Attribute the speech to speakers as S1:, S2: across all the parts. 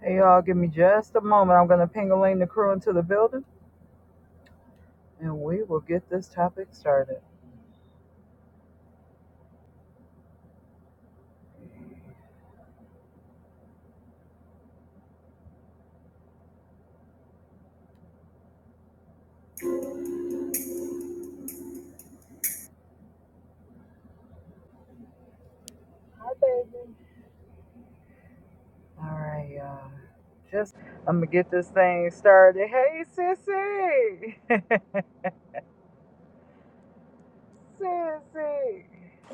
S1: Hey, y'all, give me just a moment. I'm going to ping-a-ling the crew into the building, and we will get this topic started. Hi, baby. All right, y'all. Just, I'm going to get this thing started. Hey, sissy. sissy.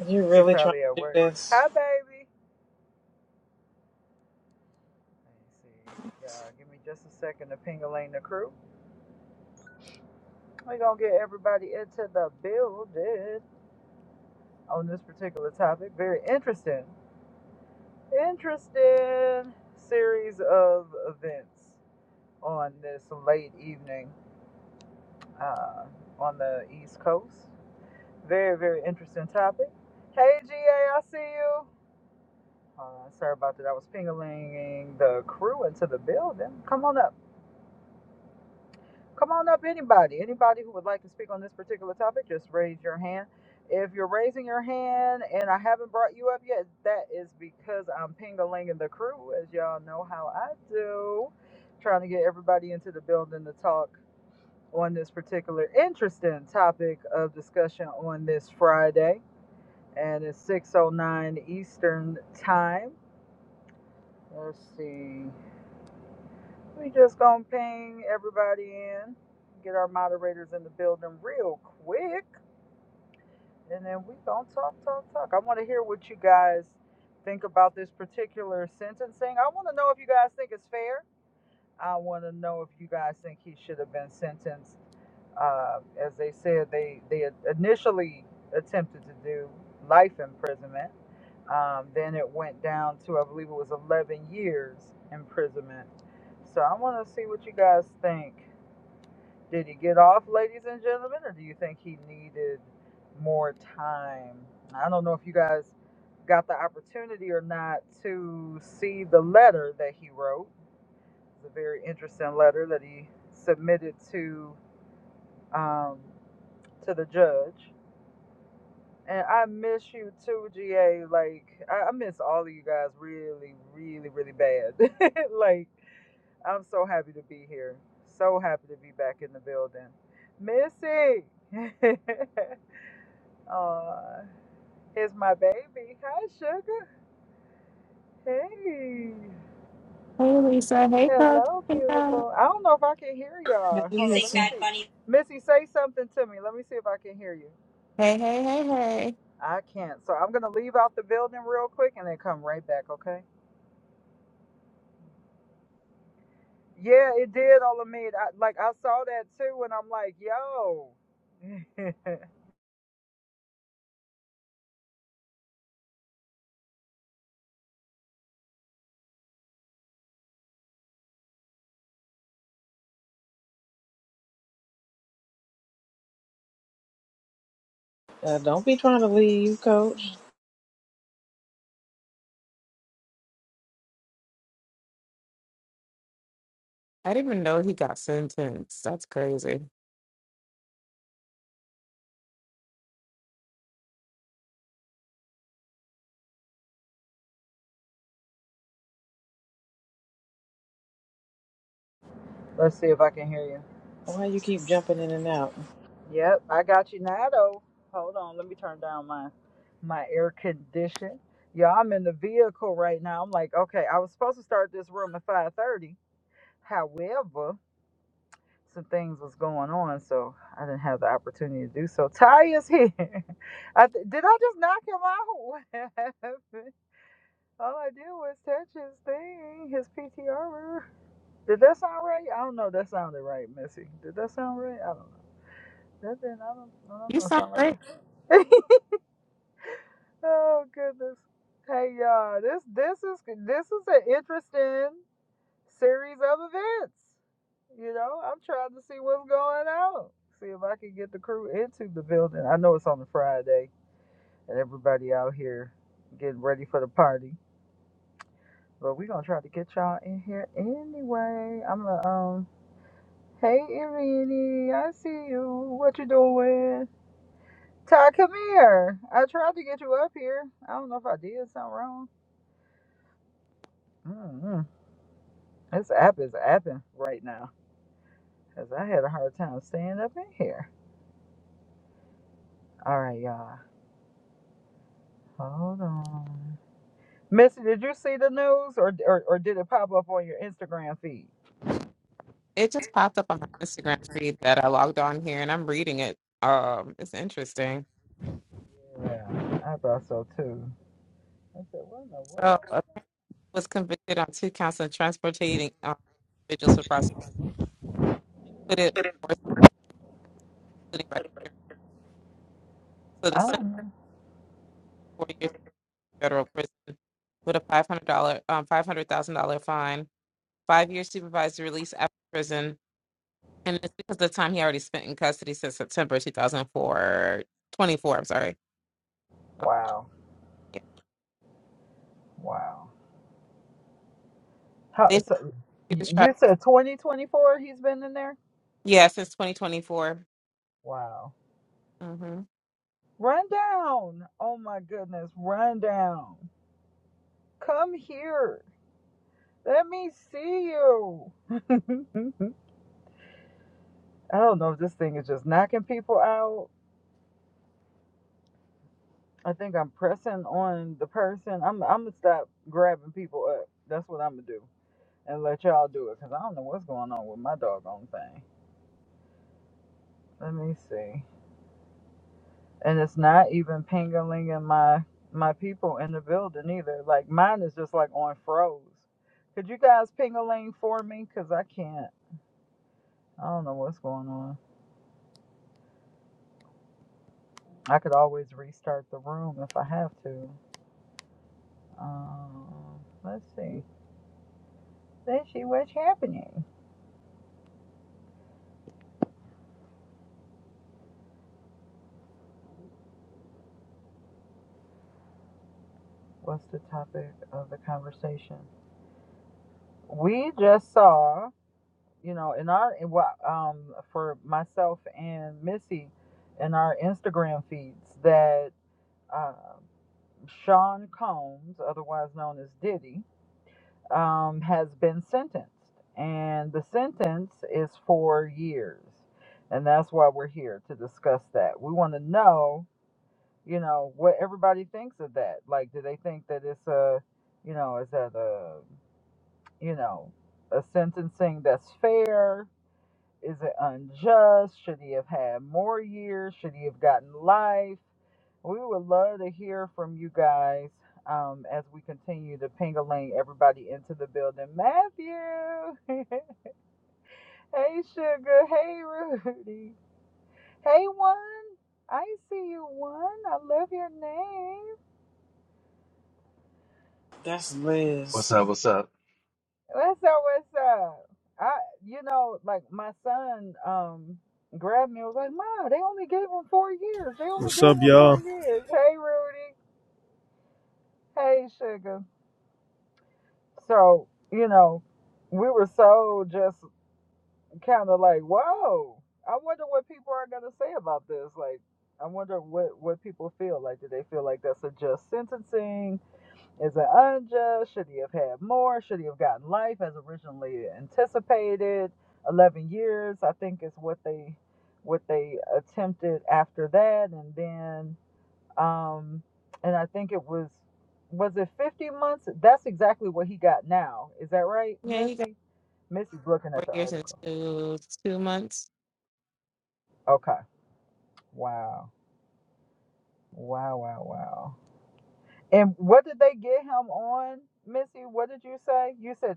S2: You
S1: She
S2: really trying
S1: probably at
S2: to do
S1: work.
S2: this?
S1: Hi, baby. Let's see. Y'all, give me just a second to ping-a-ling the crew. We're going to get everybody into the building on this particular topic. Very interesting. interesting series of events on this late evening uh, on the East Coast. Very, very interesting topic. Hey, G A. I see you. Uh, sorry about that. I was pingling the crew into the building. Come on up. Come on up, anybody. Anybody who would like to speak on this particular topic, just raise your hand. If you're raising your hand and I haven't brought you up yet, that is because I'm ping-a-linging the crew, as y'all know how I do. Trying to get everybody into the building to talk on this particular interesting topic of discussion on this Friday. And it's 6.09 Eastern Time. Let's see. We just gonna ping everybody in, get our moderators in the building real quick, and then we gonna talk, talk, talk. I want to hear what you guys think about this particular sentencing. I want to know if you guys think it's fair. I want to know if you guys think he should have been sentenced, uh, as they said they they initially attempted to do life imprisonment. Um, then it went down to I believe it was 11 years imprisonment. So I want to see what you guys think. Did he get off, ladies and gentlemen, or do you think he needed more time? I don't know if you guys got the opportunity or not to see the letter that he wrote. It's a very interesting letter that he submitted to um, to the judge. And I miss you too, GA. Like I, I miss all of you guys really, really, really bad. like I'm so happy to be here. So happy to be back in the building. Missy! Aw, it's my baby. Hi, Sugar. Hey.
S3: Hey Lisa, hey Coach.
S1: Hello,
S3: Hey, y'all.
S1: beautiful. I don't know if I can hear
S2: Now
S1: y'all.
S2: you You
S1: Hold on,
S2: think
S1: let
S2: listen.
S1: me
S2: Bad
S1: see.
S2: Bunny?
S1: Missy, say something to me. Let me see if I can hear you.
S3: hey, hey, hey. hey.
S1: I can't. So I'm going to leave out the building real quick and then come right back, okay? Yeah, it did, all of me. I, like, I saw that too, and I'm like, yo.
S2: Uh, don't be trying to leave, Coach.
S3: I didn't even know he got sentenced. That's crazy.
S1: Let's see if I can hear you.
S2: Why you keep jumping in and out?
S1: Yep, I got you now though. Hold on, let me turn down my my air condition. Yeah, I'm in the vehicle right now. I'm like, okay, I was supposed to start this room at five thirty. However, some things was going on, so I didn't have the opportunity to do so. Ty is here. I th- did I just knock him out? What happened? All I did was touch his thing, his PTR. Did that sound right? I don't know. That sounded right, Missy. Did that sound right? I don't know. That didn't. I don't. I don't
S3: You
S1: know. It
S3: saw
S1: sounded like
S3: it.
S1: that. Oh goodness. Hey y'all, this this is this is an interesting series of events. You know, I'm trying to see what's going on. See if I can get the crew into the building. I know it's on a Friday and everybody out here getting ready for the party. But we're gonna try to get y'all in here anyway. I'm gonna um Hey Irini, I see you. What you doing? Ty, come here. I tried to get you up here. I don't know if I did something wrong. Mm-hmm. This app is apping right now because I had a hard time staying up in here. All right, y'all. Hold on. Missy, did you see the news or, or, or did it pop up on your Instagram feed?
S3: It just popped up on my Instagram feed that I logged on here and I'm reading it. Um, it's interesting.
S1: Yeah, I thought so too. I said, what in the world?
S3: So uh, was convicted on two counts of transporting um, individuals for prosecution. Put it on force, including racketeering. So the
S1: I
S3: sentence
S1: don't know.
S3: four years in federal prison with a five hundred dollar um five hundred thousand dollar fine, five years supervised release after prison, And it's because of the time he already spent in custody since September two thousand four, twenty-four, I'm sorry. Um,
S1: Wow.
S3: yeah.
S1: Wow. How,
S3: They said
S1: so
S3: he
S1: y-
S3: was tried-
S1: you said 2024 he's been in there?
S3: yeah, since 2024.
S1: Wow.
S3: hmm
S1: Run down. Oh my goodness. Run down. Come here. Let me see you. I don't know if this thing is just knocking people out. I think I'm pressing on the person. I'm I'm gonna stop grabbing people up. That's what I'm gonna do, and let y'all do it because I don't know what's going on with my doggone thing. Let me see. And it's not even pingalinging my my people in the building either. Like mine is just like on froze. Could you guys pingaling for me? Cause I can't. I don't know what's going on. I could always restart the room if I have to. Um, let's see. Then she what's happening? What's the topic of the conversation? We just saw, you know, in our um for myself and Missy in our Instagram feeds that uh, Sean Combs, otherwise known as Diddy, um, has been sentenced, and the sentence is four years, and that's why we're here to discuss that. We want to know you know what everybody thinks of that like do they think that it's a you know is that a you know a sentencing that's fair is it unjust should he have had more years should he have gotten life we would love to hear from you guys um, as we continue to ping-a-ling everybody into the building matthew hey sugar hey rudy hey one i see you one i love your name
S2: That's
S4: What's
S2: Liz.
S4: up? What's up?
S1: What's up? What's up? I, you know, like my son, um, grabbed me. and Was like, Ma, they only gave him four years. They only
S5: What's
S1: gave
S5: up,
S1: him four
S5: y'all?
S1: years. Hey, Rudy. Hey, sugar. So, you know, we were so just kind of like, whoa. I wonder what people are gonna say about this. Like, I wonder what what people feel like. Do they feel like that's a just sentencing? Is it unjust? Should he have had more? Should he have gotten life as originally anticipated? Eleven years, I think, is what they what they attempted after that, and then um, and I think it was was it fifty months? That's exactly what he got now. Is that right,
S3: Yeah, he got
S1: Missy? Missy's looking
S3: four
S1: at the
S3: years and
S1: article.
S3: two, two months.
S1: Okay. Wow. Wow. Wow. Wow. And what did they get him on, Missy? What did you say? You said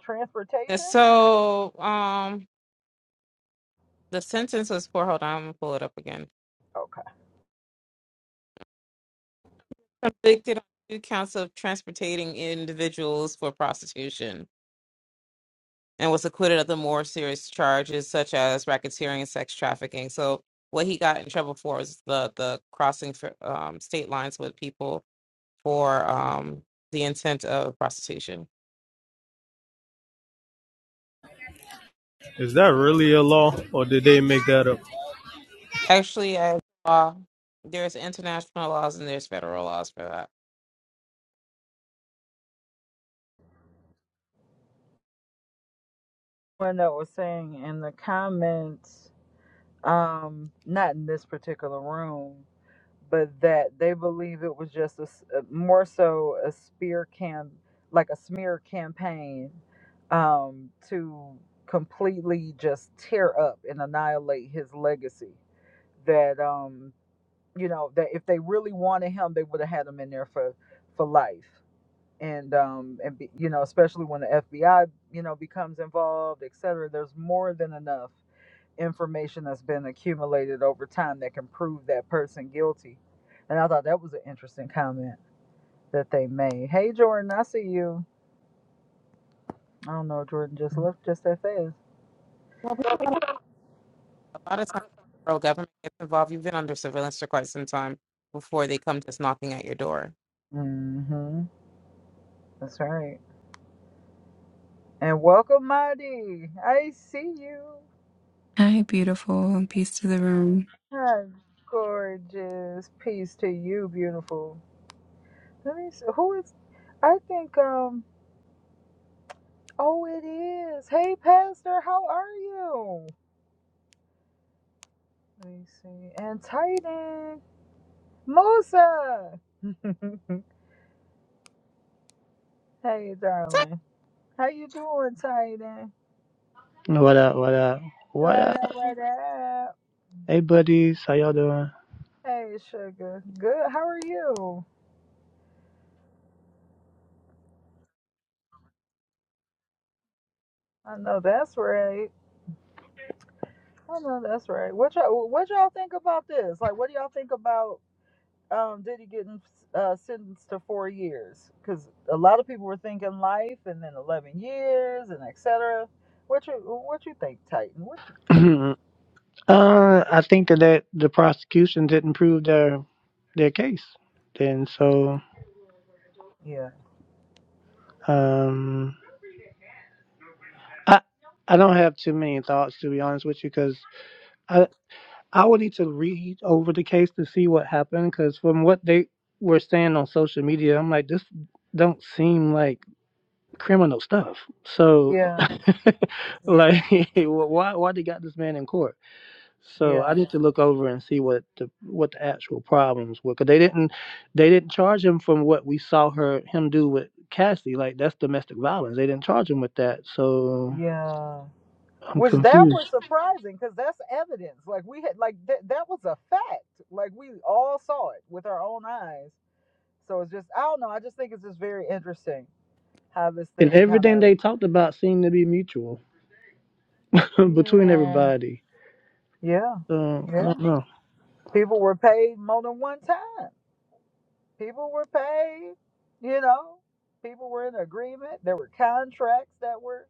S3: And
S1: transportation.
S3: so um, the sentence was for, hold on, I'm going to pull it up again.
S1: Okay.
S3: Convicted on two counts of transporting individuals for prostitution. and was acquitted of the more serious charges such as racketeering and sex trafficking. So what he got in trouble for is the the crossing for, um, state lines with people for um, the intent of prostitution.
S5: Is that really a law, or did they make that up?
S3: Actually, I saw there's international laws and there's federal laws for that.
S1: one that was saying in the comments, um, not in this particular room, but that they believe it was just a s- uh, more so a spear cam, like a smear campaign, um, to completely just tear up and annihilate his legacy. That um, you know, that if they really wanted him, they would have had him in there for for life and um and be, you know especially when the FBI you know becomes involved et cetera there's more than enough information that's been accumulated over time that can prove that person guilty and I thought that was an interesting comment that they made hey Jordan I see you I don't know Jordan just left just that fast
S3: Well, people don't, a lot of times the federal government gets involved. You've been under surveillance for quite some time before they come just knocking at your door.
S1: mm-hmm that's right and welcome Mighty I see you
S6: Hi, beautiful. Peace to the room.
S1: hi gorgeous peace to you beautiful let me see who is I think um Oh, it is. Hey, Pastor, how are you? Let me see. And Titan Musa. hey, darling. How you doing, Titan?
S7: What up, what up, what
S1: What
S7: up?
S1: up? What up?
S7: Hey buddies, how y'all doing?
S1: Hey, sugar. Good. How are you? I know that's right. I know that's right. What y'all What y'all think about this? Like, what do y'all think about? um, Diddy getting uh, sentenced to four years because a lot of people were thinking life and then eleven years and et cetera. What you what you think, Titan? What you think?
S7: uh, I think that, that the prosecution didn't prove their their case. And so
S1: Yeah,
S7: um I I don't have too many thoughts to be honest with you because I I would need to read over the case to see what happened because from what they were saying on social media, I'm like this don't seem like criminal stuff. So
S1: yeah, yeah,
S7: like why why they got this man in court? So I
S1: yeah,
S7: need to look over and see what the what the actual problems were, because they didn't they didn't charge him from what we saw her him do with Cassie. Like that's domestic violence. They didn't charge him with that. So
S1: yeah.
S7: I'm
S1: Which that was
S7: confused.
S1: surprising because that's evidence. Like we had like that that was a fact. Like we all saw it with our own eyes. So it's just I don't know. I just think it's just very interesting how this
S7: And
S1: thing kind
S7: everything they
S1: of
S7: talked about seemed to be mutual between
S1: yeah
S7: everybody.
S1: yeah
S7: So I
S1: yeah
S7: don't know.
S1: People were paid more than one time. People were paid, you know, people were in agreement. There were contracts that were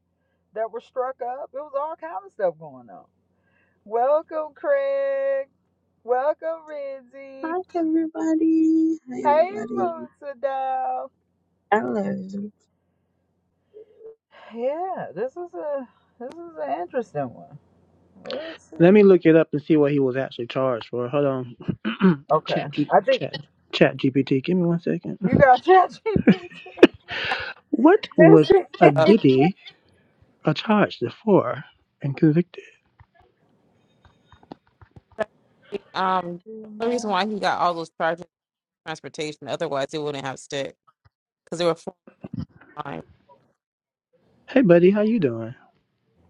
S1: that were struck up. It was all kind of stuff going on. Welcome, Craig. Welcome, Renzi.
S8: Hi everybody. Hi
S1: Hey,
S8: everybody.
S1: Moonsadal.
S8: Hello.
S1: Yeah, this is a this is an interesting one. Let's
S7: Let
S1: see.
S7: me look it up and see what he was actually charged for. Hold on.
S1: Okay,
S7: chat G-
S1: I think
S7: chat chat GPT. Give me one second.
S1: you got ChatGPT.
S7: What
S1: Let's
S7: was a
S3: Uh,
S1: see.
S7: Diddy a charged for and convicted?
S3: um, the only reason why he got all those charges is transportation, otherwise it wouldn't have stick because there were time.
S7: Hey buddy, how you doing?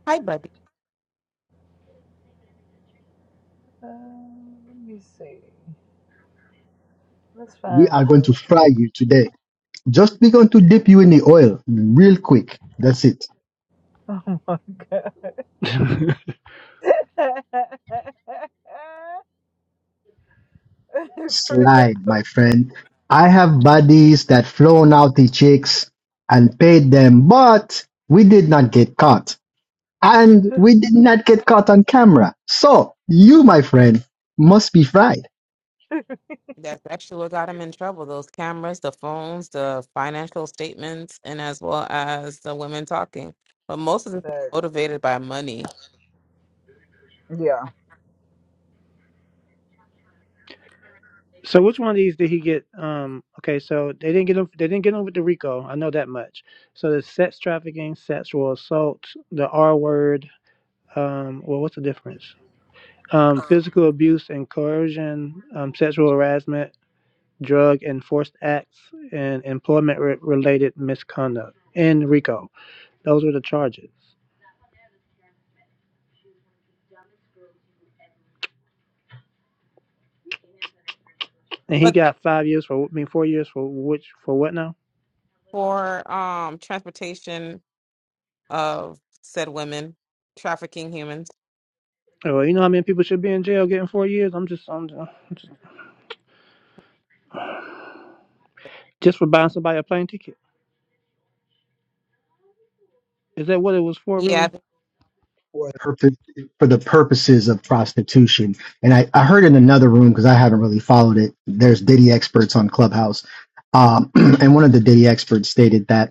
S3: Hi, buddy.
S1: Let me see. That's
S9: We
S1: fine.
S9: are going to fry you today. Just we're going to dip you in the oil real quick. That's it.
S1: Oh my god. Greg,
S9: Slide, my friend. I have buddies that flown out the chicks and paid them, but we did not get caught. And we did not get caught on camera. So you, my friend, must be fried.
S3: That's actually what got him in trouble. Those cameras, the phones, the financial statements, and as well as the women talking. But most of this is
S1: But,
S3: motivated by money.
S1: yeah.
S7: so which one of these did he get? Um, okay, so they didn't get him. They didn't get him with the Rico. I know that much. So the sex trafficking, sexual assault, the R word. Um, well, what's the difference? Um, physical abuse and coercion, um, sexual harassment, drug and forced acts, and employment re- related misconduct in Rico. Those were the charges. And he
S3: But
S7: got five years for. I mean, four years for which for what now?
S3: for um transportation of said women, trafficking humans.
S7: Oh, Well, you know how many people should be in jail getting four years? I'm just, I'm just, just for buying somebody a plane ticket. Is that what it was for,
S3: Yeah, I
S7: really?
S3: think
S9: for the purpose for the purposes of prostitution. And I, I heard in another room because I haven't really followed it. There's Diddy experts on Clubhouse, um, and one of the Diddy experts stated that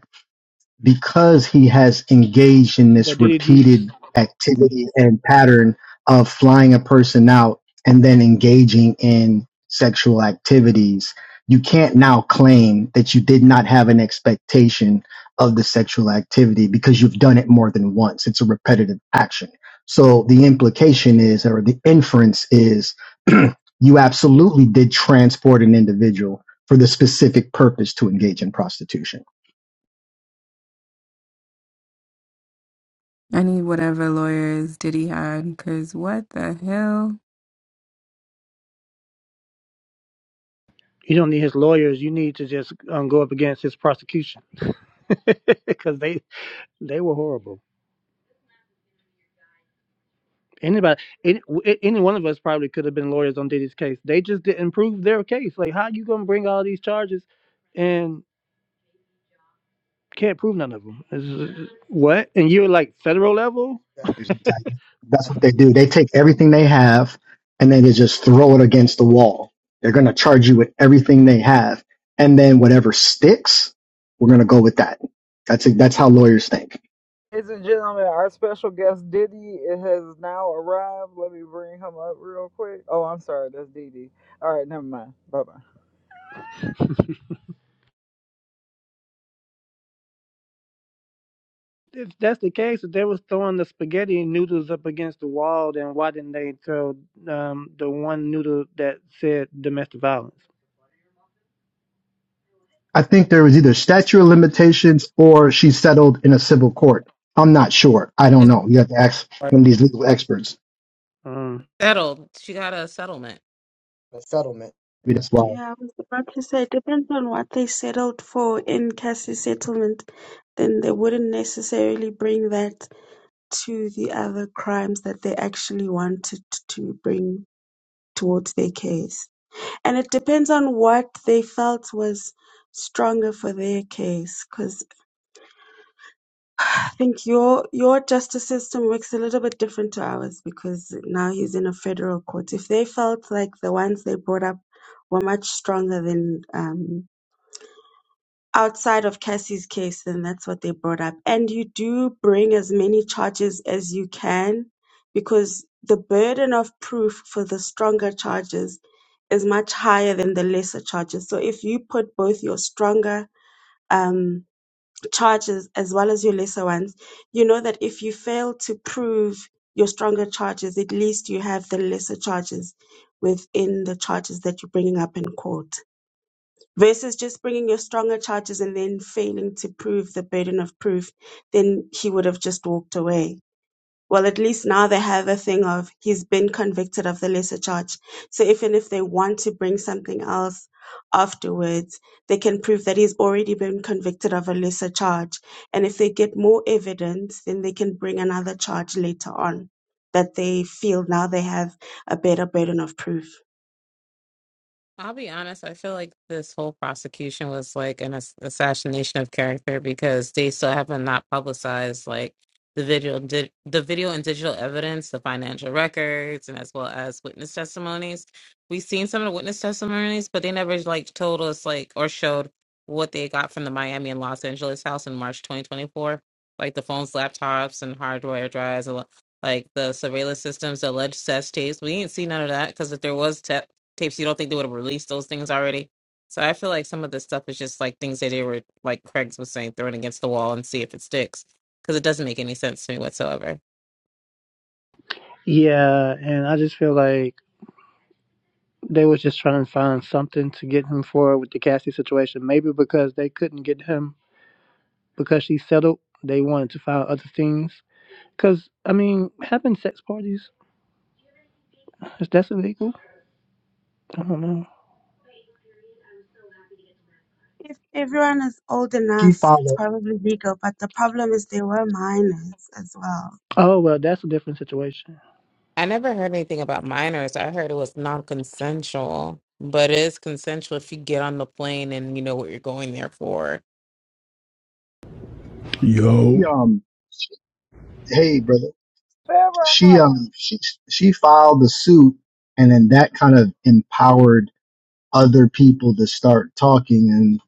S9: because he has engaged in
S7: The
S9: this
S7: Diddy Deets.
S9: repeated activity and pattern of flying a person out and then engaging in sexual activities, you can't now claim that you did not have an expectation of the sexual activity because you've done it more than once. It's a repetitive action. So the implication is, or the inference is, you absolutely did transport an individual for the specific purpose to engage in prostitution.
S6: I need whatever lawyers Diddy had, because what the hell?
S7: You don't need his lawyers. You need to just um, go up against his prosecution because they they were horrible. Anybody, any, any one of us probably could have been lawyers on Diddy's case. They just didn't prove their case. Like, how you gonna bring all these charges and can't prove none of them? It's just- what? And you're like federal level?
S9: That's what the Titans. That's what they do. They take everything they have and then they just throw it against the wall. They're gonna charge you with everything they have, and then whatever sticks, we're gonna go with that. That's it. That's how lawyers think.
S1: Ladies and gentlemen, our special guest Diddy it has now arrived. Let me bring him up real quick. Oh, I'm sorry, that's Diddy. All right, never mind. Bye bye.
S7: If that's the case, if they was throwing the spaghetti noodles up against the wall, then why didn't they throw um, the one noodle that said domestic violence?
S9: I think there was either statute of limitations or she settled in a civil court. I'm not sure. I don't
S3: it's
S9: know. You have to ask one of these legal experts.
S7: Um,
S3: settled. She got a settlement.
S9: the settlement. Maybe that's why
S8: Yeah, I was about to say it depends on what they settled for in Cassie's settlement, then they wouldn't necessarily bring that to the other crimes that they actually wanted to bring towards their case. And it depends on what they felt was stronger for their case I think your your justice system works a little bit different to ours because now he's in a federal court. If they felt like the ones they brought up were much stronger than um, outside of Cassie's case, then that's what they brought up. And you do bring as many charges as you can because the burden of proof for the stronger charges is much higher than the lesser charges. So if you put both your stronger um, charges as well as your lesser ones, you know that if you fail to prove your stronger charges, at least you have the lesser charges within the charges that you're bringing up in court. Versus just bringing your stronger charges and then failing to prove the burden of proof, then he would have just walked away well, at least now they have a thing of he's been convicted of the lesser charge. So even if they want to bring something else afterwards, they can prove that he's already been convicted of a lesser charge. And if they get more evidence, then they can bring another charge later on that they feel now they have a better burden of proof.
S3: I'll be honest. I feel like this whole prosecution was like an ass- assassination of character because they still haven't not publicized like the video, di- the video and digital evidence, the financial records, and as well as witness testimonies. We've seen some of the witness testimonies, but they never like told us like or showed what they got from the Miami and Los Angeles house in March 2024, like the phones, laptops, and hardware drives, a lo- like the surveillance systems, the alleged test tapes. We ain't seen none of that because if there was te- tapes, you don't think they would have released those things already? So I feel like some of this stuff is just like things that they were, like Craig's was saying, throwing against the wall and see if it sticks, because it doesn't make any sense to me whatsoever.
S7: yeah, and I just feel like they was just trying to find something to get him for with the Cassie situation. Maybe because they couldn't get him because she settled, they wanted to find other things. Cause I mean, having sex parties is that's illegal. I don't know.
S8: If everyone is old
S9: she
S8: enough,
S9: filed.
S8: it's
S9: A,
S8: probably legal, but the problem is they were minors as well.
S7: Oh well, that's a different situation.
S3: I never heard anything about minors. I heard it was non-consensual, but it is consensual if you get on the plane and you know what you're going there for.
S10: Yo.
S9: she, um, she- hey brother, she
S1: Farrah.
S9: um, she she filed the suit, and then that kind of empowered other people to start talking, and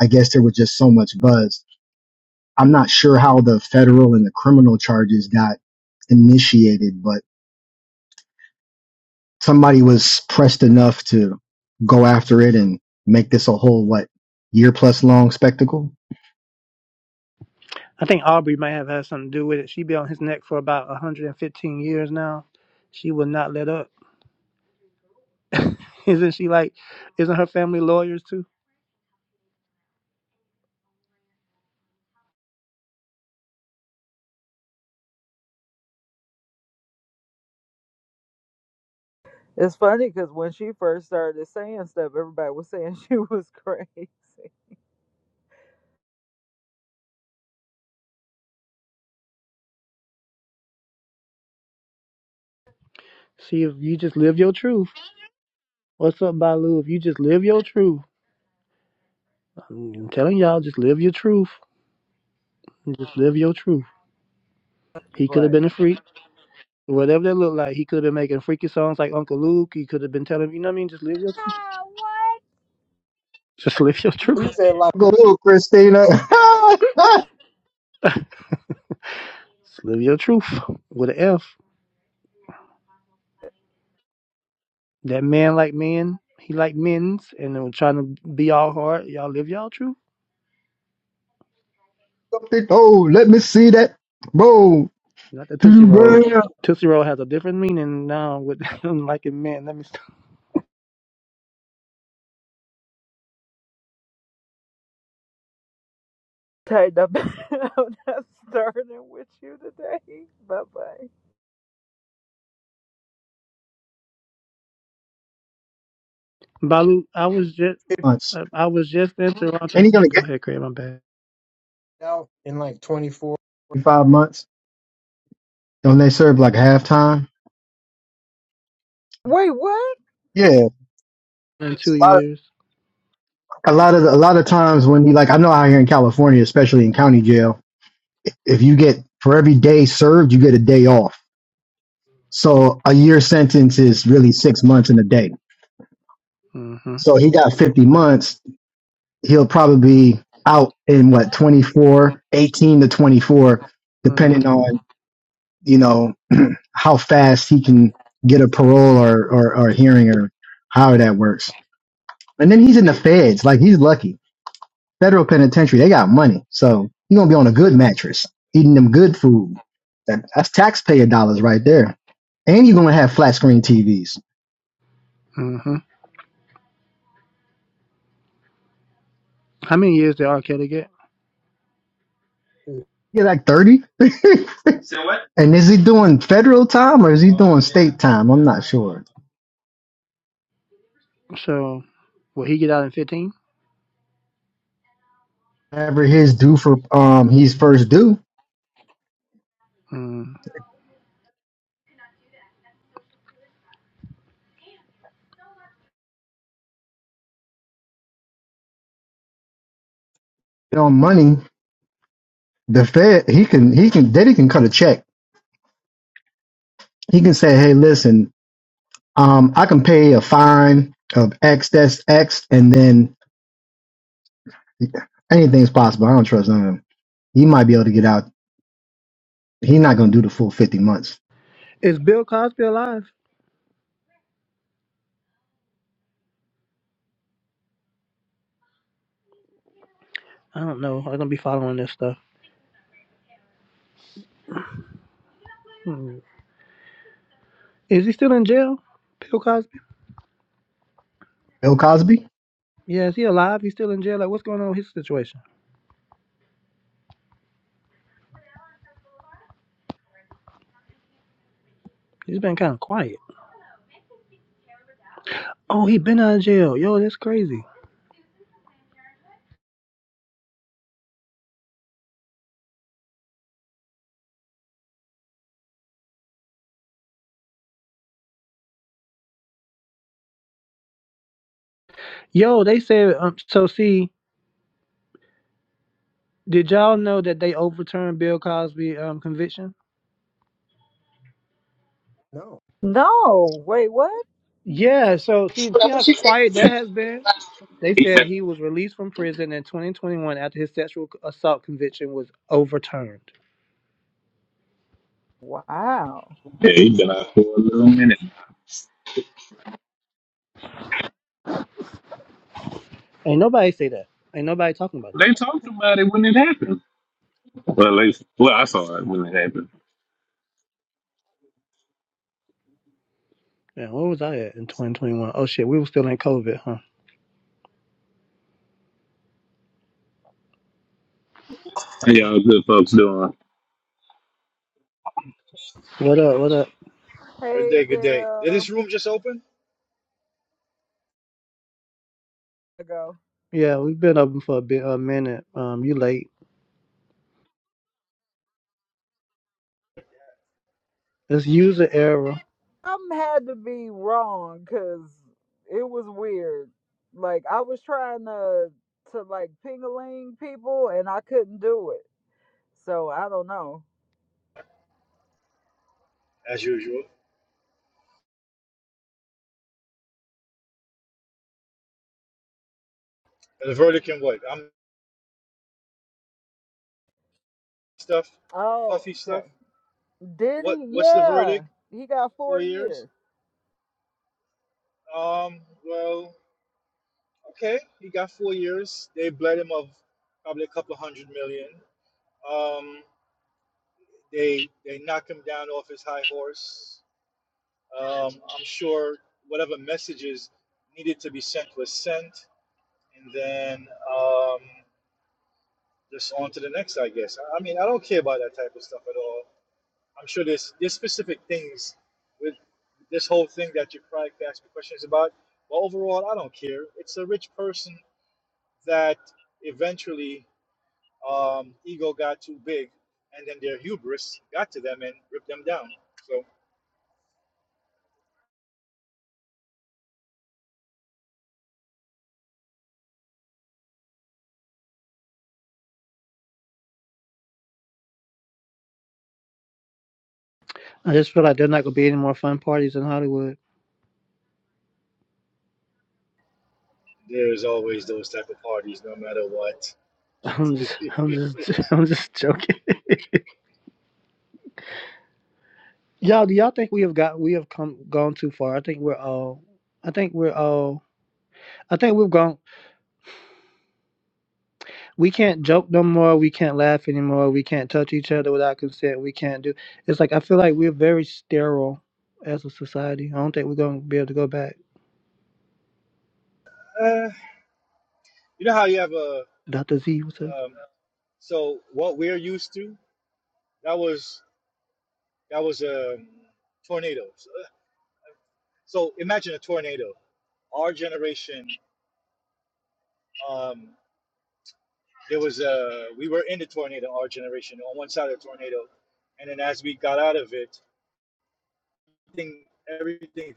S9: I guess there was just so much buzz. I'm not sure how the federal and the criminal charges got initiated, but somebody was pressed enough to go after it and make this a whole what year plus long spectacle.
S7: I think Aubrey might have had something to do with it. She be on his neck for about 115 years now. She will not let up. Isn't she like, isn't her family lawyers too?
S1: It's funny because when she first started saying stuff, everybody was saying she was crazy.
S7: See, if you just live your truth. What's up, Balu? If you just live your truth, I'm telling y'all, just live your truth. Just live your truth. He could have been
S1: Like,
S7: a freak, whatever that looked like. He could have been making freaky songs like Uncle Luke. He could have been telling, you know what I mean? Just live your truth.
S1: ah, what?
S7: Just live your truth.
S9: You said like go little Christina.
S7: Just live your truth with an F. That man like men, he like men's, and then trying to be all hard. Y'all live y'all truth.
S9: something. Oh, let me see that. Bro,
S7: Not the Tootsie
S9: two
S7: Roll. Tootsie Roll has a different meaning now with him liking men. Let me stop.
S1: Tighten up. I'm not starting with you today. Bye bye.
S7: Balu, I was just,
S9: months.
S7: I I was just in
S9: Ain't
S7: Toronto.
S9: he gonna
S7: Go
S9: get
S7: ahead, Craig. My bad.
S9: out in like twenty four, twenty five months? Don't they serve like halftime?
S1: Wait, what?
S9: Yeah.
S7: In
S9: It's
S7: two
S9: a lot of
S7: years.
S9: a lot of a lot of times when you like I know out here in California, especially in county jail, if you get for every day served, you get a day off. So a year sentence is really six months in a day.
S7: Mm-hmm.
S9: So he got 50 months. He'll probably be out in what 24, 18 to 24, depending
S7: Mm-hmm.
S9: on you know how fast he can get a parole or, or, or hearing or how that works. And then he's in the feds. Like he's lucky. Federal penitentiary, they got money. So he's going to be on a good mattress, eating them good food. That, that's taxpayer dollars right there. And you're going to have flat screen TVs.
S7: Mm-hmm. How many years did R. Kelly get?
S9: You're like 30. So what? and is he doing federal time or is he Oh doing yeah. state time? I'm not sure.
S7: So, will he get out in fifteen?
S9: Whatever his due for um he's first due
S7: Mm.
S9: on money, the Fed he can he can daddy can cut a check He can say, hey, listen, um, I can pay a fine of X, that's X, and then anything's possible. I don't trust none of them. He might be able to get out. He's not going to do the full 50 months.
S7: Is Bill Cosby alive? I don't know. I'm gonna be following this stuff. Mm. Is he still in jail? Bill Cosby?
S9: Bill Cosby,
S7: Yeah, is he alive? He's still in jail? Like, what's going on with his situation? He's been kind of quiet. Oh, he been out of jail. Yo, that's crazy. Yo, they said. Um, so, see, did y'all know that they overturned Bill Cosby um, conviction?
S9: No.
S1: No. Wait, what?
S7: Yeah. So, see, see how quiet that has been. They
S11: He's
S7: said
S11: been,
S7: he was released from prison in 2021 after his sexual assault conviction was overturned.
S1: Wow.
S11: yeah, he's been out for a little minute.
S7: Ain't nobody say that. Ain't nobody talking about that.
S11: They talked about it when it happened. Well, at least, well, I saw it when it happened.
S7: Man, where was I at in 2021? Oh shit, we were still in COVID, huh?
S11: How y'all good folks doing?
S7: What up? What up?
S12: Good
S1: Hey
S12: day, good day.
S1: there.
S12: Did this room just open?
S1: I go.
S7: Yeah, we've been open for a bit, a minute. Um, you late? It's user error.
S1: Something had to be wrong because it was weird. Like I was trying to to like ping-a-ling people and I couldn't do it. So I don't know.
S12: As usual. And the verdict in what? I'm stuff,
S1: Oh,
S12: puffy
S1: okay.
S12: stuff.
S1: Did
S12: What
S1: he?
S12: what's the
S1: Yeah.
S12: verdict?
S1: He got four
S12: Four years?
S1: years.
S12: Um, well, okay, he got four years. They bled him of probably a couple hundred million. Um, they they knocked him down off his high horse. Um, I'm sure whatever messages needed to be sent was sent, and then um, just on to the next, I guess. I I mean, I don't care about that type of stuff at all I'm sure there's there's specific things with this whole thing that you probably could ask me questions about. But overall, I don't care. It's a rich person that eventually um, ego got too big, and then their hubris got to them and ripped them down. So
S7: I just feel like they're not gonna be any more fun parties in Hollywood.
S12: there's always those type of parties, no matter what.
S7: I'm just, I'm just, I'm just joking. y'all, do y'all think we have got, we have come, gone too far? I think we're all, I think we're all, I think we've gone. We can't joke no more. We can't laugh anymore. We can't touch each other without consent. We can't do. It's like I feel like we're very sterile as a society. I don't think we're gonna be able to go back.
S12: uh, you know how you have a
S7: Doctor Z, what's up?
S12: um, so what we're used to that was that was um tornadoes. So so imagine a tornado. Our generation um, there was a we were in the tornado, our generation, on one side of the tornado, and then as we got out of it, everything, everything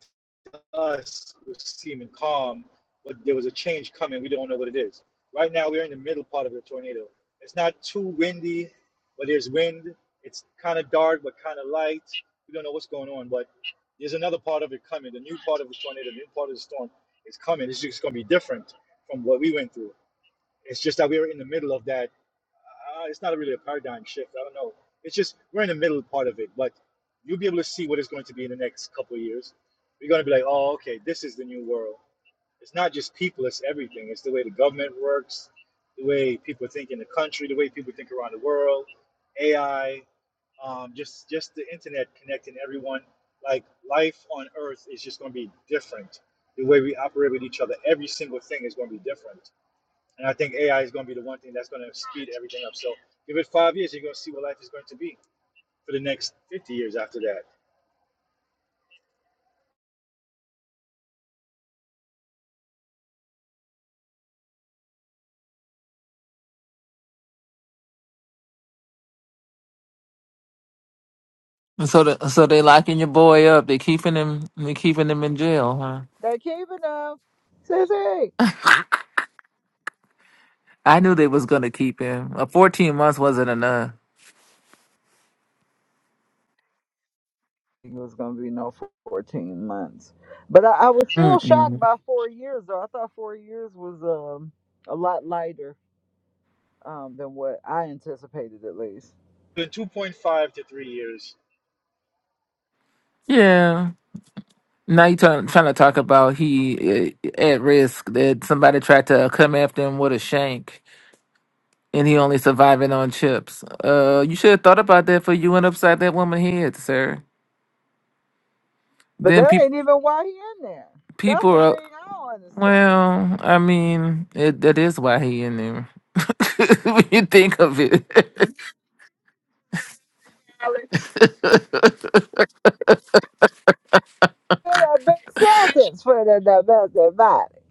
S12: to us was seeming calm, but there was a change coming. We don't know what it is. Right now, we're in the middle part of the tornado. It's not too windy, but there's wind. It's kind of dark, but kind of light. We don't know what's going on, but there's another part of it coming. The new part of the tornado, the new part of the storm is coming. It's just going to be different from what we went through. It's just that we were in the middle of that uh, it's not really a paradigm shift. I don't know. It's just we're in the middle part of it, but you'll be able to see what it's going to be in the next couple of years. You're going to be like, oh, okay, this is the new world. It's not just people; it's everything. It's the way the government works, the way people think in the country, the way people think around the world, AI, um, just just the internet connecting everyone. Like life on Earth is just going to be different. The way we operate with each other, every single thing is going to be different and I think AI is going to be the one thing that's going to speed everything up. So give it five years, you're going to see what life is going to be for the next 50 years after that.
S13: So the, so they locking your boy up. They keeping him. They keeping him in jail, huh?
S1: They keeping up. Sissy.
S13: I knew they was gonna keep him. Uh, Fourteen months wasn't enough.
S1: it was gonna be no 14 months but I, I was still shocked
S13: Mm-mm.
S1: by four years though i thought four years was um a lot lighter um than what i anticipated at least
S12: In 2.5 to three years,
S13: Yeah. Now you trying trying to talk about he uh, at risk that somebody tried to come after him with a shank and he only surviving on chips. Uh, you should have thought about that for you went upside that woman head, sir.
S1: but
S13: Then
S1: that
S13: people
S1: ain't even why he in there that's
S13: people
S1: the
S13: are
S1: thing i don't understand
S13: well. I mean, it, that is why he in there. when you think of it.
S1: Get a big sentence for the domestic body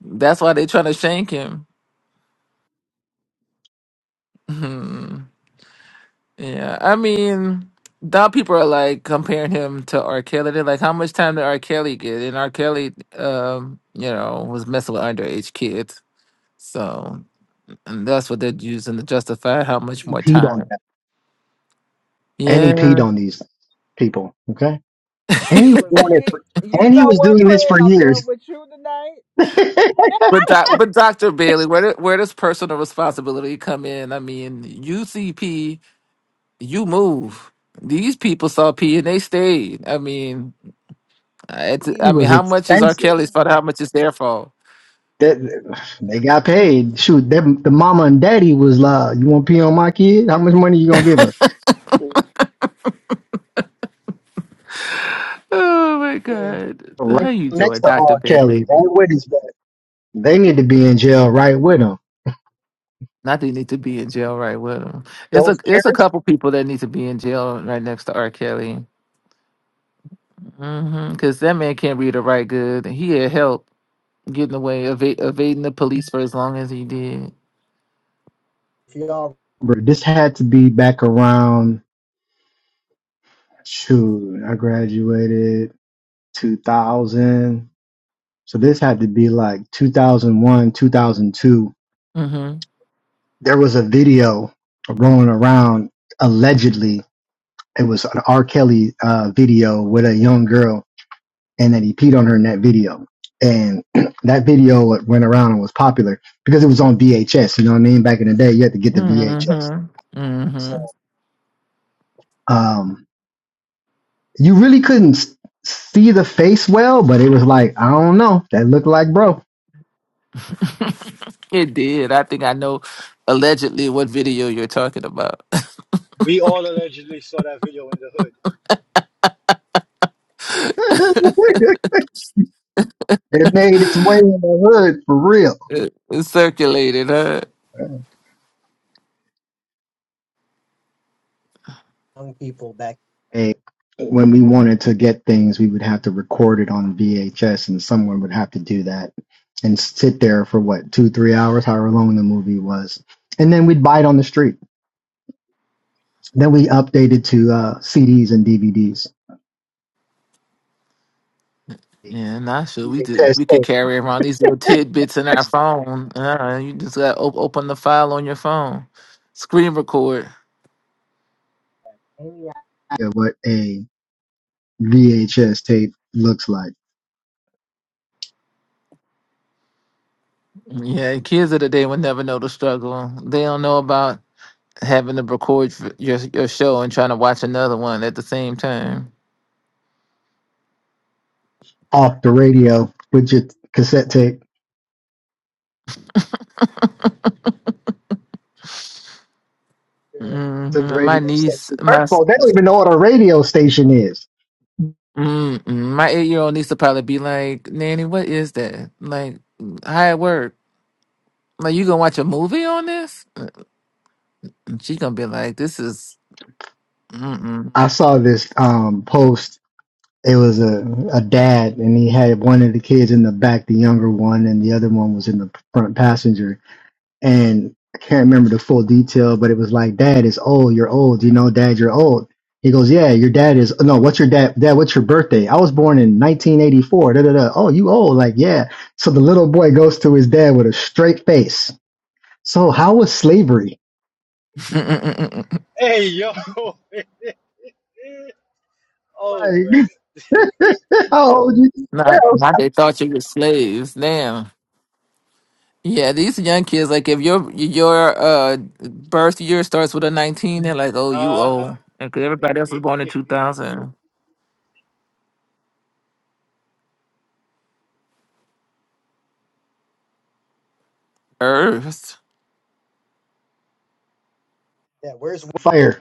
S13: That's why they trying to shank him. Hmm. yeah, I mean, now people are like comparing him to R. Kelly. They're like, how much time did R. Kelly get? And R. Kelly, um, you know, was messing with underage kids. So and that's what they're using to justify how much
S9: he
S13: more
S9: peed on
S13: time.
S9: that. And he peed
S13: Yeah.
S9: on these people. Okay. And he
S1: he
S9: was
S1: was
S9: doing it
S1: picked
S9: for,
S1: you
S9: and he
S1: know
S9: was
S1: what
S9: doing this
S1: craig
S9: for
S1: i'm
S9: years.
S1: done with you tonight
S13: But doc, but Dr. Bailey, where do, where does personal responsibility come in? I mean, you see P, you move. These people saw P and they stayed. I mean, It's,
S9: he
S13: I mean,
S9: was
S13: how much is R.
S9: expensive.
S13: Kelly's fault? How much is their fault?
S9: That they got paid. Shoot, them the mama and daddy was like, "You want to pee on my kid? How much money you gonna give us?"
S13: Oh my
S9: in
S13: God!
S9: jail
S13: How
S9: right
S13: you
S9: next
S13: doing,
S9: to
S13: Doctor
S9: R. Kelly,
S13: Bentley?
S9: right with his back. They need to be in jail right with him.
S13: Not that you need to be in jail right with him. It's
S9: Those
S13: a it's a
S9: parents,
S13: couple people that need to be in jail right next to R. Kelly. Mm-hmm. Because that man can't read or write good. He had help getting away eva- evading the police for as long as he did.
S9: bro. This had to be back around. Shoot, I graduated 2000, so this had to be like 2001, 2002.
S13: Mm-hmm.
S9: There was a video rolling around. Allegedly, it was an R. Kelly uh, video with a young girl and that he peed on her in that video. And that video went around and was popular because it was on VHS. You know what I mean? Back in the day, you had to get the VHS.
S13: Mm-hmm. Mm-hmm.
S9: Um, you really couldn't s- see the face well, but it was like, I don't know, that looked like bro.
S13: it did. I think I know allegedly what video you're talking about.
S12: we all allegedly saw that video in the hood.
S9: it made its way in the hood for real.
S13: it it circulated, huh?
S9: Hey, when we wanted to get things, we would have to record it on VHS, and someone would have to do that and sit there for what two, three hours, however long the movie was, and then we'd buy it on the street Then we updated to uh, CDs and DVDs. Yeah,
S13: Yeah, not sure. We did. We could carry around these little tidbits in our phone. Uh, you just got op- open the file on your phone, screen record.
S9: what a VHS tape looks like.
S13: Yeah, kids of the day will never know the struggle. They don't know about having to record f- your your show and trying to watch another one at the same time.
S9: Off the radio with your cassette tape to the
S13: hmm My
S9: radio
S13: niece,
S9: station.
S13: my
S9: First of
S13: s-
S9: all, they don't even know what a radio station is.
S13: mm mm, my eight year old niece will probably be like, "Nanny, what is that? Like, how it work? Like, you gonna watch a movie on this?" And she gonna be like, "This is." Mm-mm.
S9: I saw this um, post it was a, a dad and he had one of the kids in the back, the younger one, and the other one was in the front passenger. And I can't remember the full detail, but it was like, Dad is old, you're old, you know, Dad, you're old. He goes, Yeah, your dad is no, what's your dad dad, what's your birthday? I was born in nineteen eighty four, da da da. Oh, you old, like yeah. So the little boy goes to his dad with a straight face. So how was slavery?
S13: Mm-mm-mm-mm.
S12: Hey, yo. oh,
S9: Like
S12: man.
S9: how old you
S13: Not, not they thought you were slaves. Damn. Yeah, these young kids, like if your your uh birth year starts with a nineteen, they're like, oh, you
S12: uh huh.
S13: old, and 'cause everybody else was born in two thousand. Earth,
S9: fire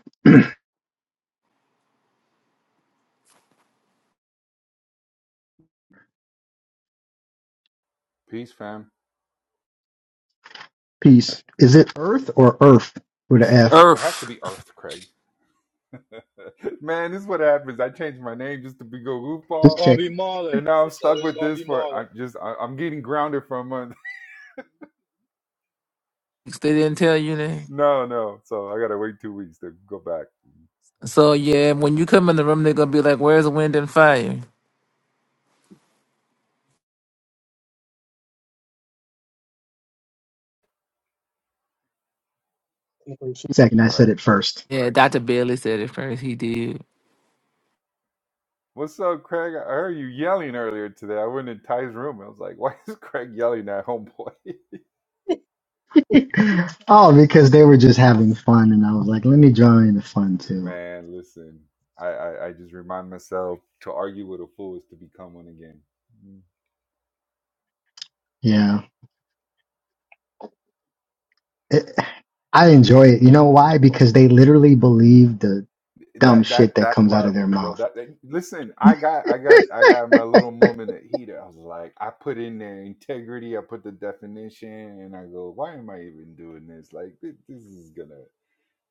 S14: Peace, fam.
S9: piece? Is it Earth or Earth with an F?
S14: It has to
S13: Earth.
S14: be Earth, Craig. Man, this is what happens. I changed my name just to be go
S9: Just
S14: goofball,
S12: gonna be
S9: checking.
S14: and
S12: Marlon.
S14: now I'm
S12: It's
S14: stuck
S12: always
S14: with
S12: gonna
S14: this
S12: be
S14: for.
S12: Marlon.
S14: I'm just. I, I'm getting grounded for a month.
S13: They didn't tell you that.
S14: no, no. So I gotta wait two weeks to go back.
S13: So yeah, when you come in the room, they're gonna be like, where's the wind and fire?
S9: Second, I said
S14: Right.
S9: it first.
S13: Yeah, Doctor Bailey said it first. He did.
S14: What's up, Craig? I heard you yelling earlier today. I went in Ty's room. I was like, "Why is Craig yelling at homeboy?"
S9: oh, because they were just having fun, and I was like, let me join the fun too.
S14: Man, listen. I, I I just remind myself to argue with a fool is to become one again.
S9: Yeah, it, I enjoy it. You know why? Because they literally believe the dumb
S14: that
S9: shit
S14: that
S9: that
S14: that
S9: comes out of
S14: part,
S9: their
S14: bro.
S9: mouth.
S14: That, that- listen, I got I got I got my little moment of heat. I was like, I put in there integrity. I put the definition, and I go, why am I even doing this? Like this, this is gonna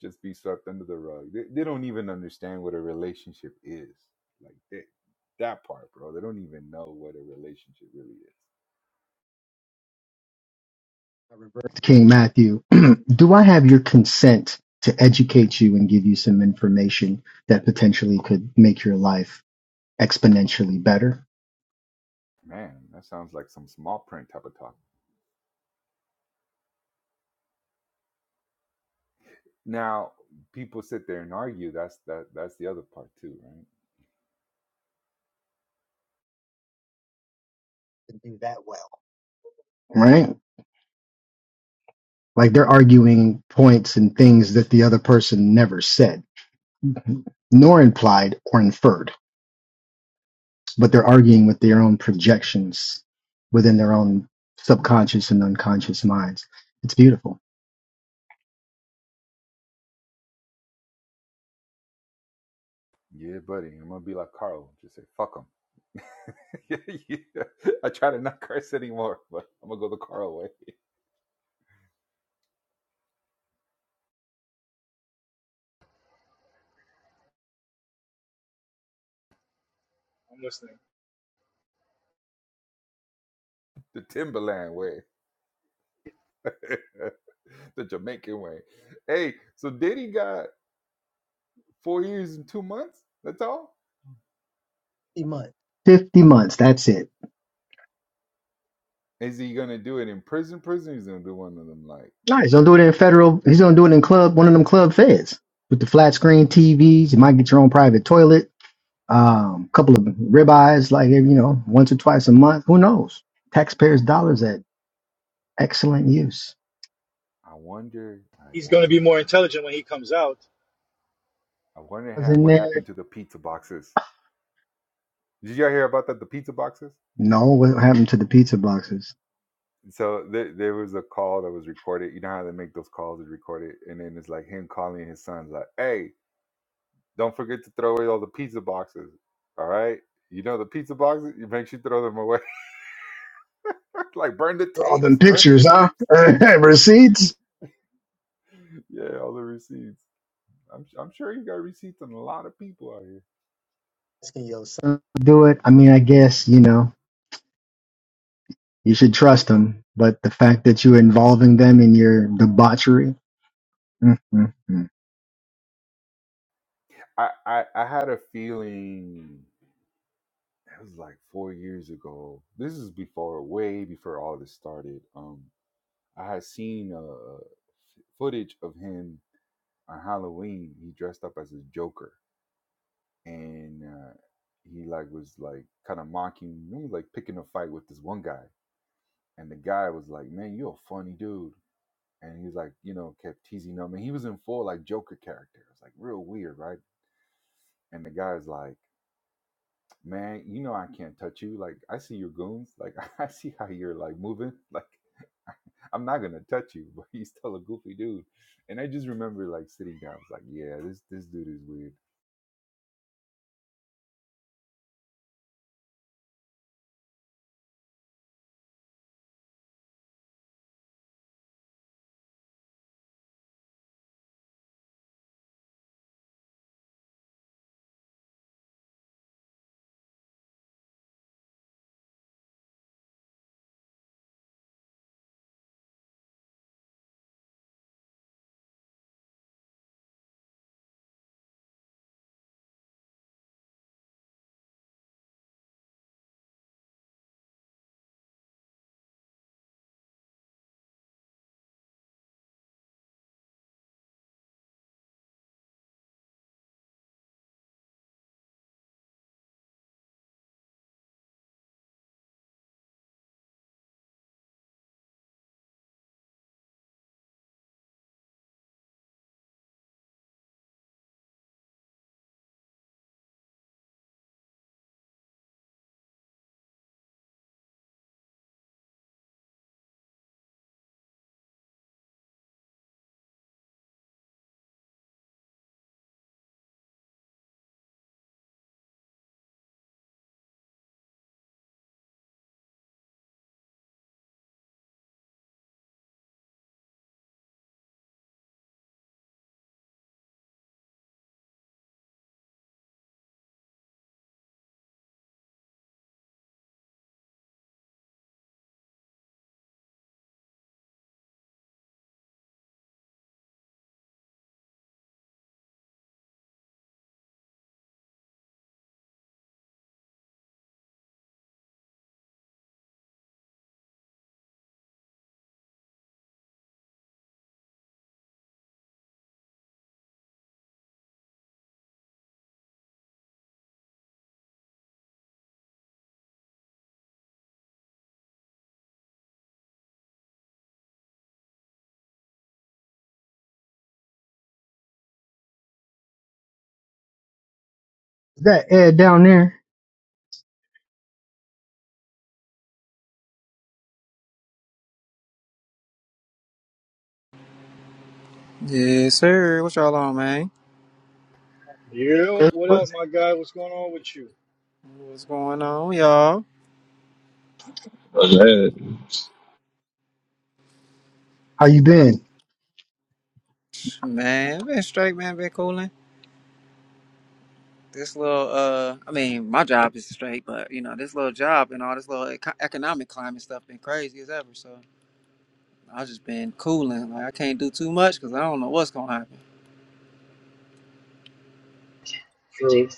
S14: just be swept under the rug. They, they don't even understand what a relationship is. Like that that part, bro. They don't even know what a relationship really is.
S9: King Matthew, do I have your consent to educate you and give you some information that potentially could make your life exponentially better?
S14: Man, that sounds like some small print type of talk. Now, people sit there and argue. That's that. That's the other part too, right?
S9: to do that well, right? Like they're arguing points and things that the other person never said, nor implied or inferred, but they're arguing with their own projections within their own subconscious and unconscious minds. It's beautiful.
S14: Yeah, buddy. I'm gonna be like Carl. Just say fuck them. I try to not curse anymore, but I'm gonna go the Carl way,
S12: I'm listening.
S14: the Timberland way, the Jamaican way. Hey, so Diddy got four years and two months. That's all.
S9: 50 months, that's it.
S14: Is he gonna do it in prison? Prison? He's gonna do one of them. Like,
S9: Nah, he's gonna do it in federal. He's gonna do it in club, one of them club feds with the flat screen TVs. You might get your own private toilet, um, couple of ribeyes, like you know, once or twice a month. Who knows? Taxpayers' dollars at excellent use.
S14: I wonder. I
S12: He's gonna be
S14: wonder.
S12: more intelligent when he comes out.
S14: I wonder
S9: Was
S14: ha-
S9: in
S14: what
S9: there?
S14: happened to the pizza boxes. Did y'all hear about that? The pizza boxes.
S9: No, what happened to the pizza boxes?
S14: so there, there was a call that was recorded. You know how they make those calls and record it, and then it's like him calling his son, like, "Hey, don't forget to throw away all the pizza boxes. All right, you know the pizza boxes. You make sure you throw them away. like, burn the
S9: All
S14: tapes,
S9: them
S14: burn the
S9: pictures, huh?
S14: tapes.
S9: Receipts.
S14: yeah, all the receipts. I'm I'm sure you got receipts on a lot of people out here.
S9: Do it. I mean, I guess you know you should trust them, but the fact that you're involving them in your debauchery. mm mm mm.
S14: I I, I had a feeling it was like four years ago. This is before, way before all this started. Um. I had seen uh, footage of him on Halloween. He dressed up as a Joker, and uh, he like was like kind of mocking, he was like picking a fight with this one guy, and the guy was like, "Man, you're a funny dude," and he's like, you know, kept teasing him, and he was in full like Joker character. It's like real weird, right? And the guy's like. Man, you know I can't touch you. Like I see your goons. Like I see how you're like moving. Like I'm not gonna touch you, but he's still a goofy dude. And I just remember like sitting down, I was like, yeah, this this dude is weird.
S9: Is that Ed down there?
S15: Yes, sir. What y'all on, man?
S12: Yo, what up, my guy? What's going on with you?
S15: What's going on, y'all?
S11: What's that?
S9: How you been?
S15: Man, been straight, man. Been cooling. This little, uh, I mean, my job is straight, but you know, this little job and all this little eco- economic climate stuff been crazy as ever. So I just been cooling. Like I can't do too much because I don't know what's gonna happen.
S12: True.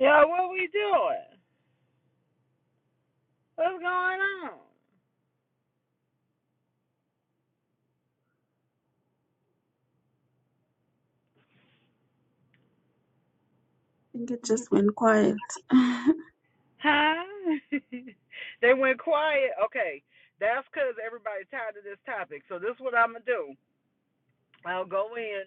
S1: Yeah, what we doing? What's going on?
S8: I think it just went quiet.
S1: Huh? they went quiet. Okay. That's because everybody's tired of this topic. So this is what I'm going to do. I'll go in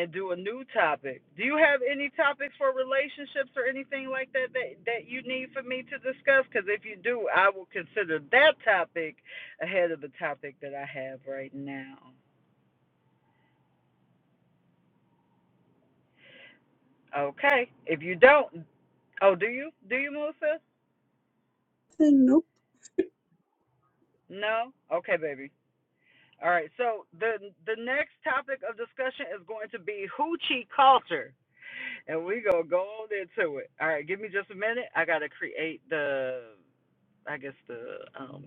S1: and do a new topic. Do you have any topics for relationships or anything like that that, that you need for me to discuss? Because if you do, I will consider that topic ahead of the topic that I have right now. Okay. If you don't, oh, do you? Do you, Melissa?
S8: Saying nope.
S1: No? Okay, baby. All right, so the the next topic of discussion is going to be hoochie culture, and we gonna go on into it. All right, give me just a minute. I gotta create the, I guess the um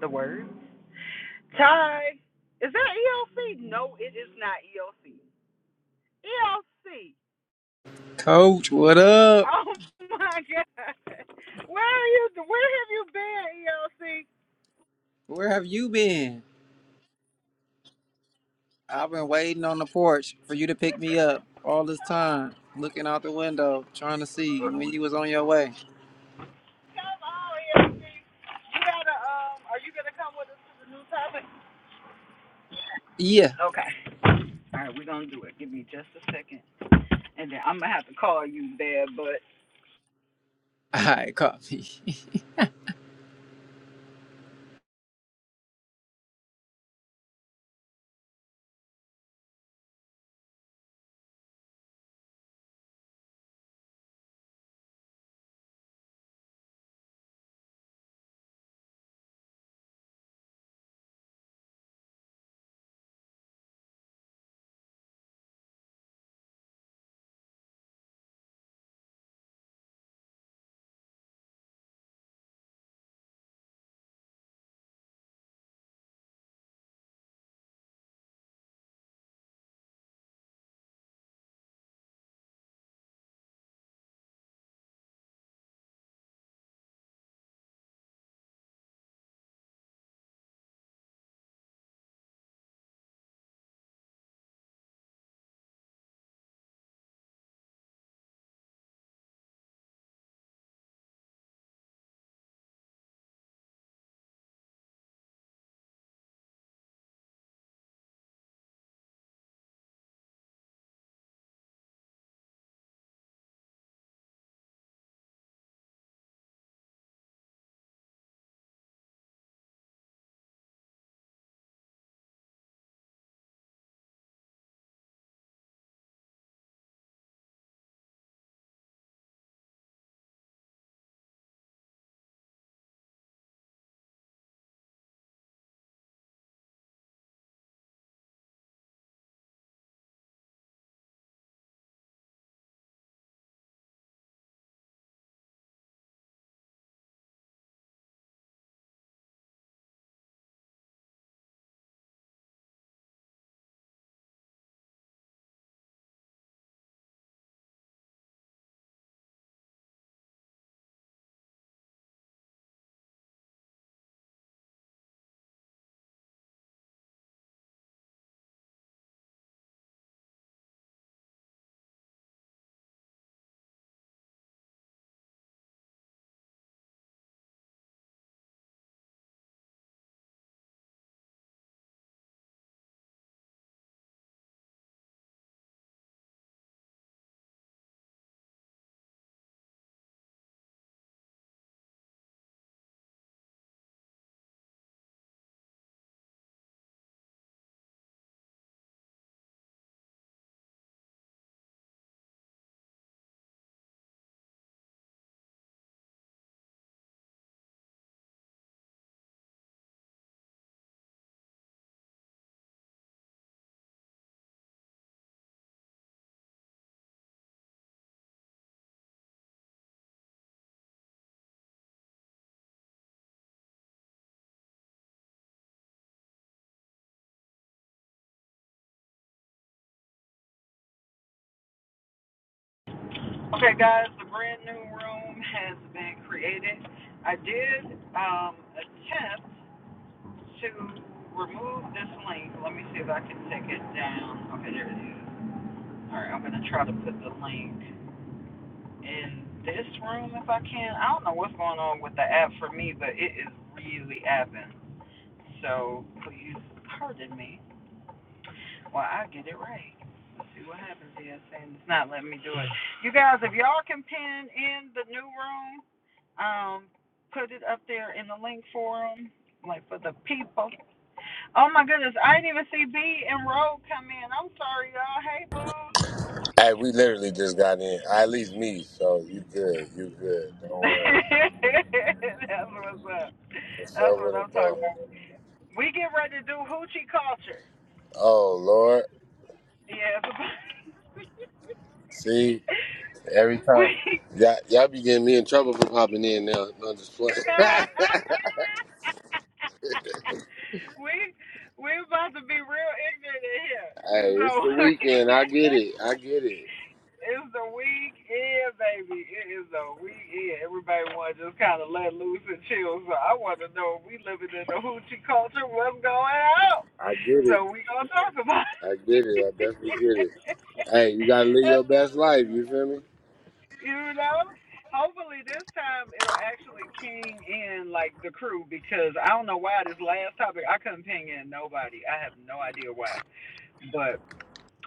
S1: the word. Ty, is that ELC? No, it is not ELC. ELC.
S15: Coach, what up?
S1: Oh my God, where are you? Where have you been, ELC?
S15: Where have you been? I've been waiting on the porch for you to pick me up all this time, looking out the window, trying to see when you was on your way.
S1: Come on, ELC. You gotta um. Are you gonna come with us to the new topic?
S15: Yeah,
S1: Okay. All right, we're gonna do it. Give me just a second, and then I'm gonna have to call you there. But
S15: all right, caught me.
S1: okay, guys, the brand new room has been created. I did um, attempt to remove this link. Let me see if I can take it down. Okay, there it is. All right, I'm gonna try to put the link in this room if I can. I don't know what's going on with the app for me, but it is really apping. So please pardon me. Well, I get it right. Let's see what happens here. It's saying it's not letting me do it. You guys, if y'all can pin in the new room, um, put it up there in the link forum, like for the people. Oh my goodness, I didn't even see B and Road come in. I'm sorry, y'all. Hey, boo.
S16: Hey, we literally just got in. Ah, At least me. So you good. You good. Don't worry.
S1: That's what's up.
S16: What's
S1: That's
S16: up
S1: what
S16: with
S1: I'm
S16: it
S1: talking
S16: though?
S1: about. We get ready to do hoochie culture.
S16: Oh Lord.
S1: Yeah,
S16: See every time.
S1: we
S16: Y'all, y'all be getting me in trouble for popping in now. No, just playing. hey,
S1: we we about to be real ignorant in here. So
S16: it's the weekend. I get it. I get it.
S1: it's the weekend, baby. It is a weekend. Everybody want to just kind of let loose and chill. So I want to know if we living in the hoochie culture. What's going on?
S16: I get it.
S1: So we gonna talk about. It.
S16: I get it. I definitely get it. Hey, you gotta live
S1: That's
S16: your
S1: the
S16: best life. You feel me?
S1: You know? Hopefully this time it'll actually ping in like the crew because I don't know why this last topic I couldn't ping in nobody. I have no idea why. But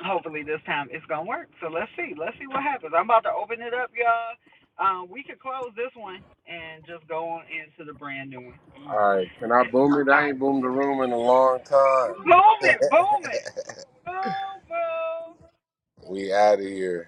S1: hopefully this time it's gonna work. So let's see. Let's see what happens. I'm about to open it up, y'all. Um, we could close this one and just go on into the brand new one.
S16: All right. Can I boom it?
S1: All
S16: I ain't
S1: right.
S16: boomed the room in a long time.
S1: Boom it, boom it. Boom boom.
S16: we out of here.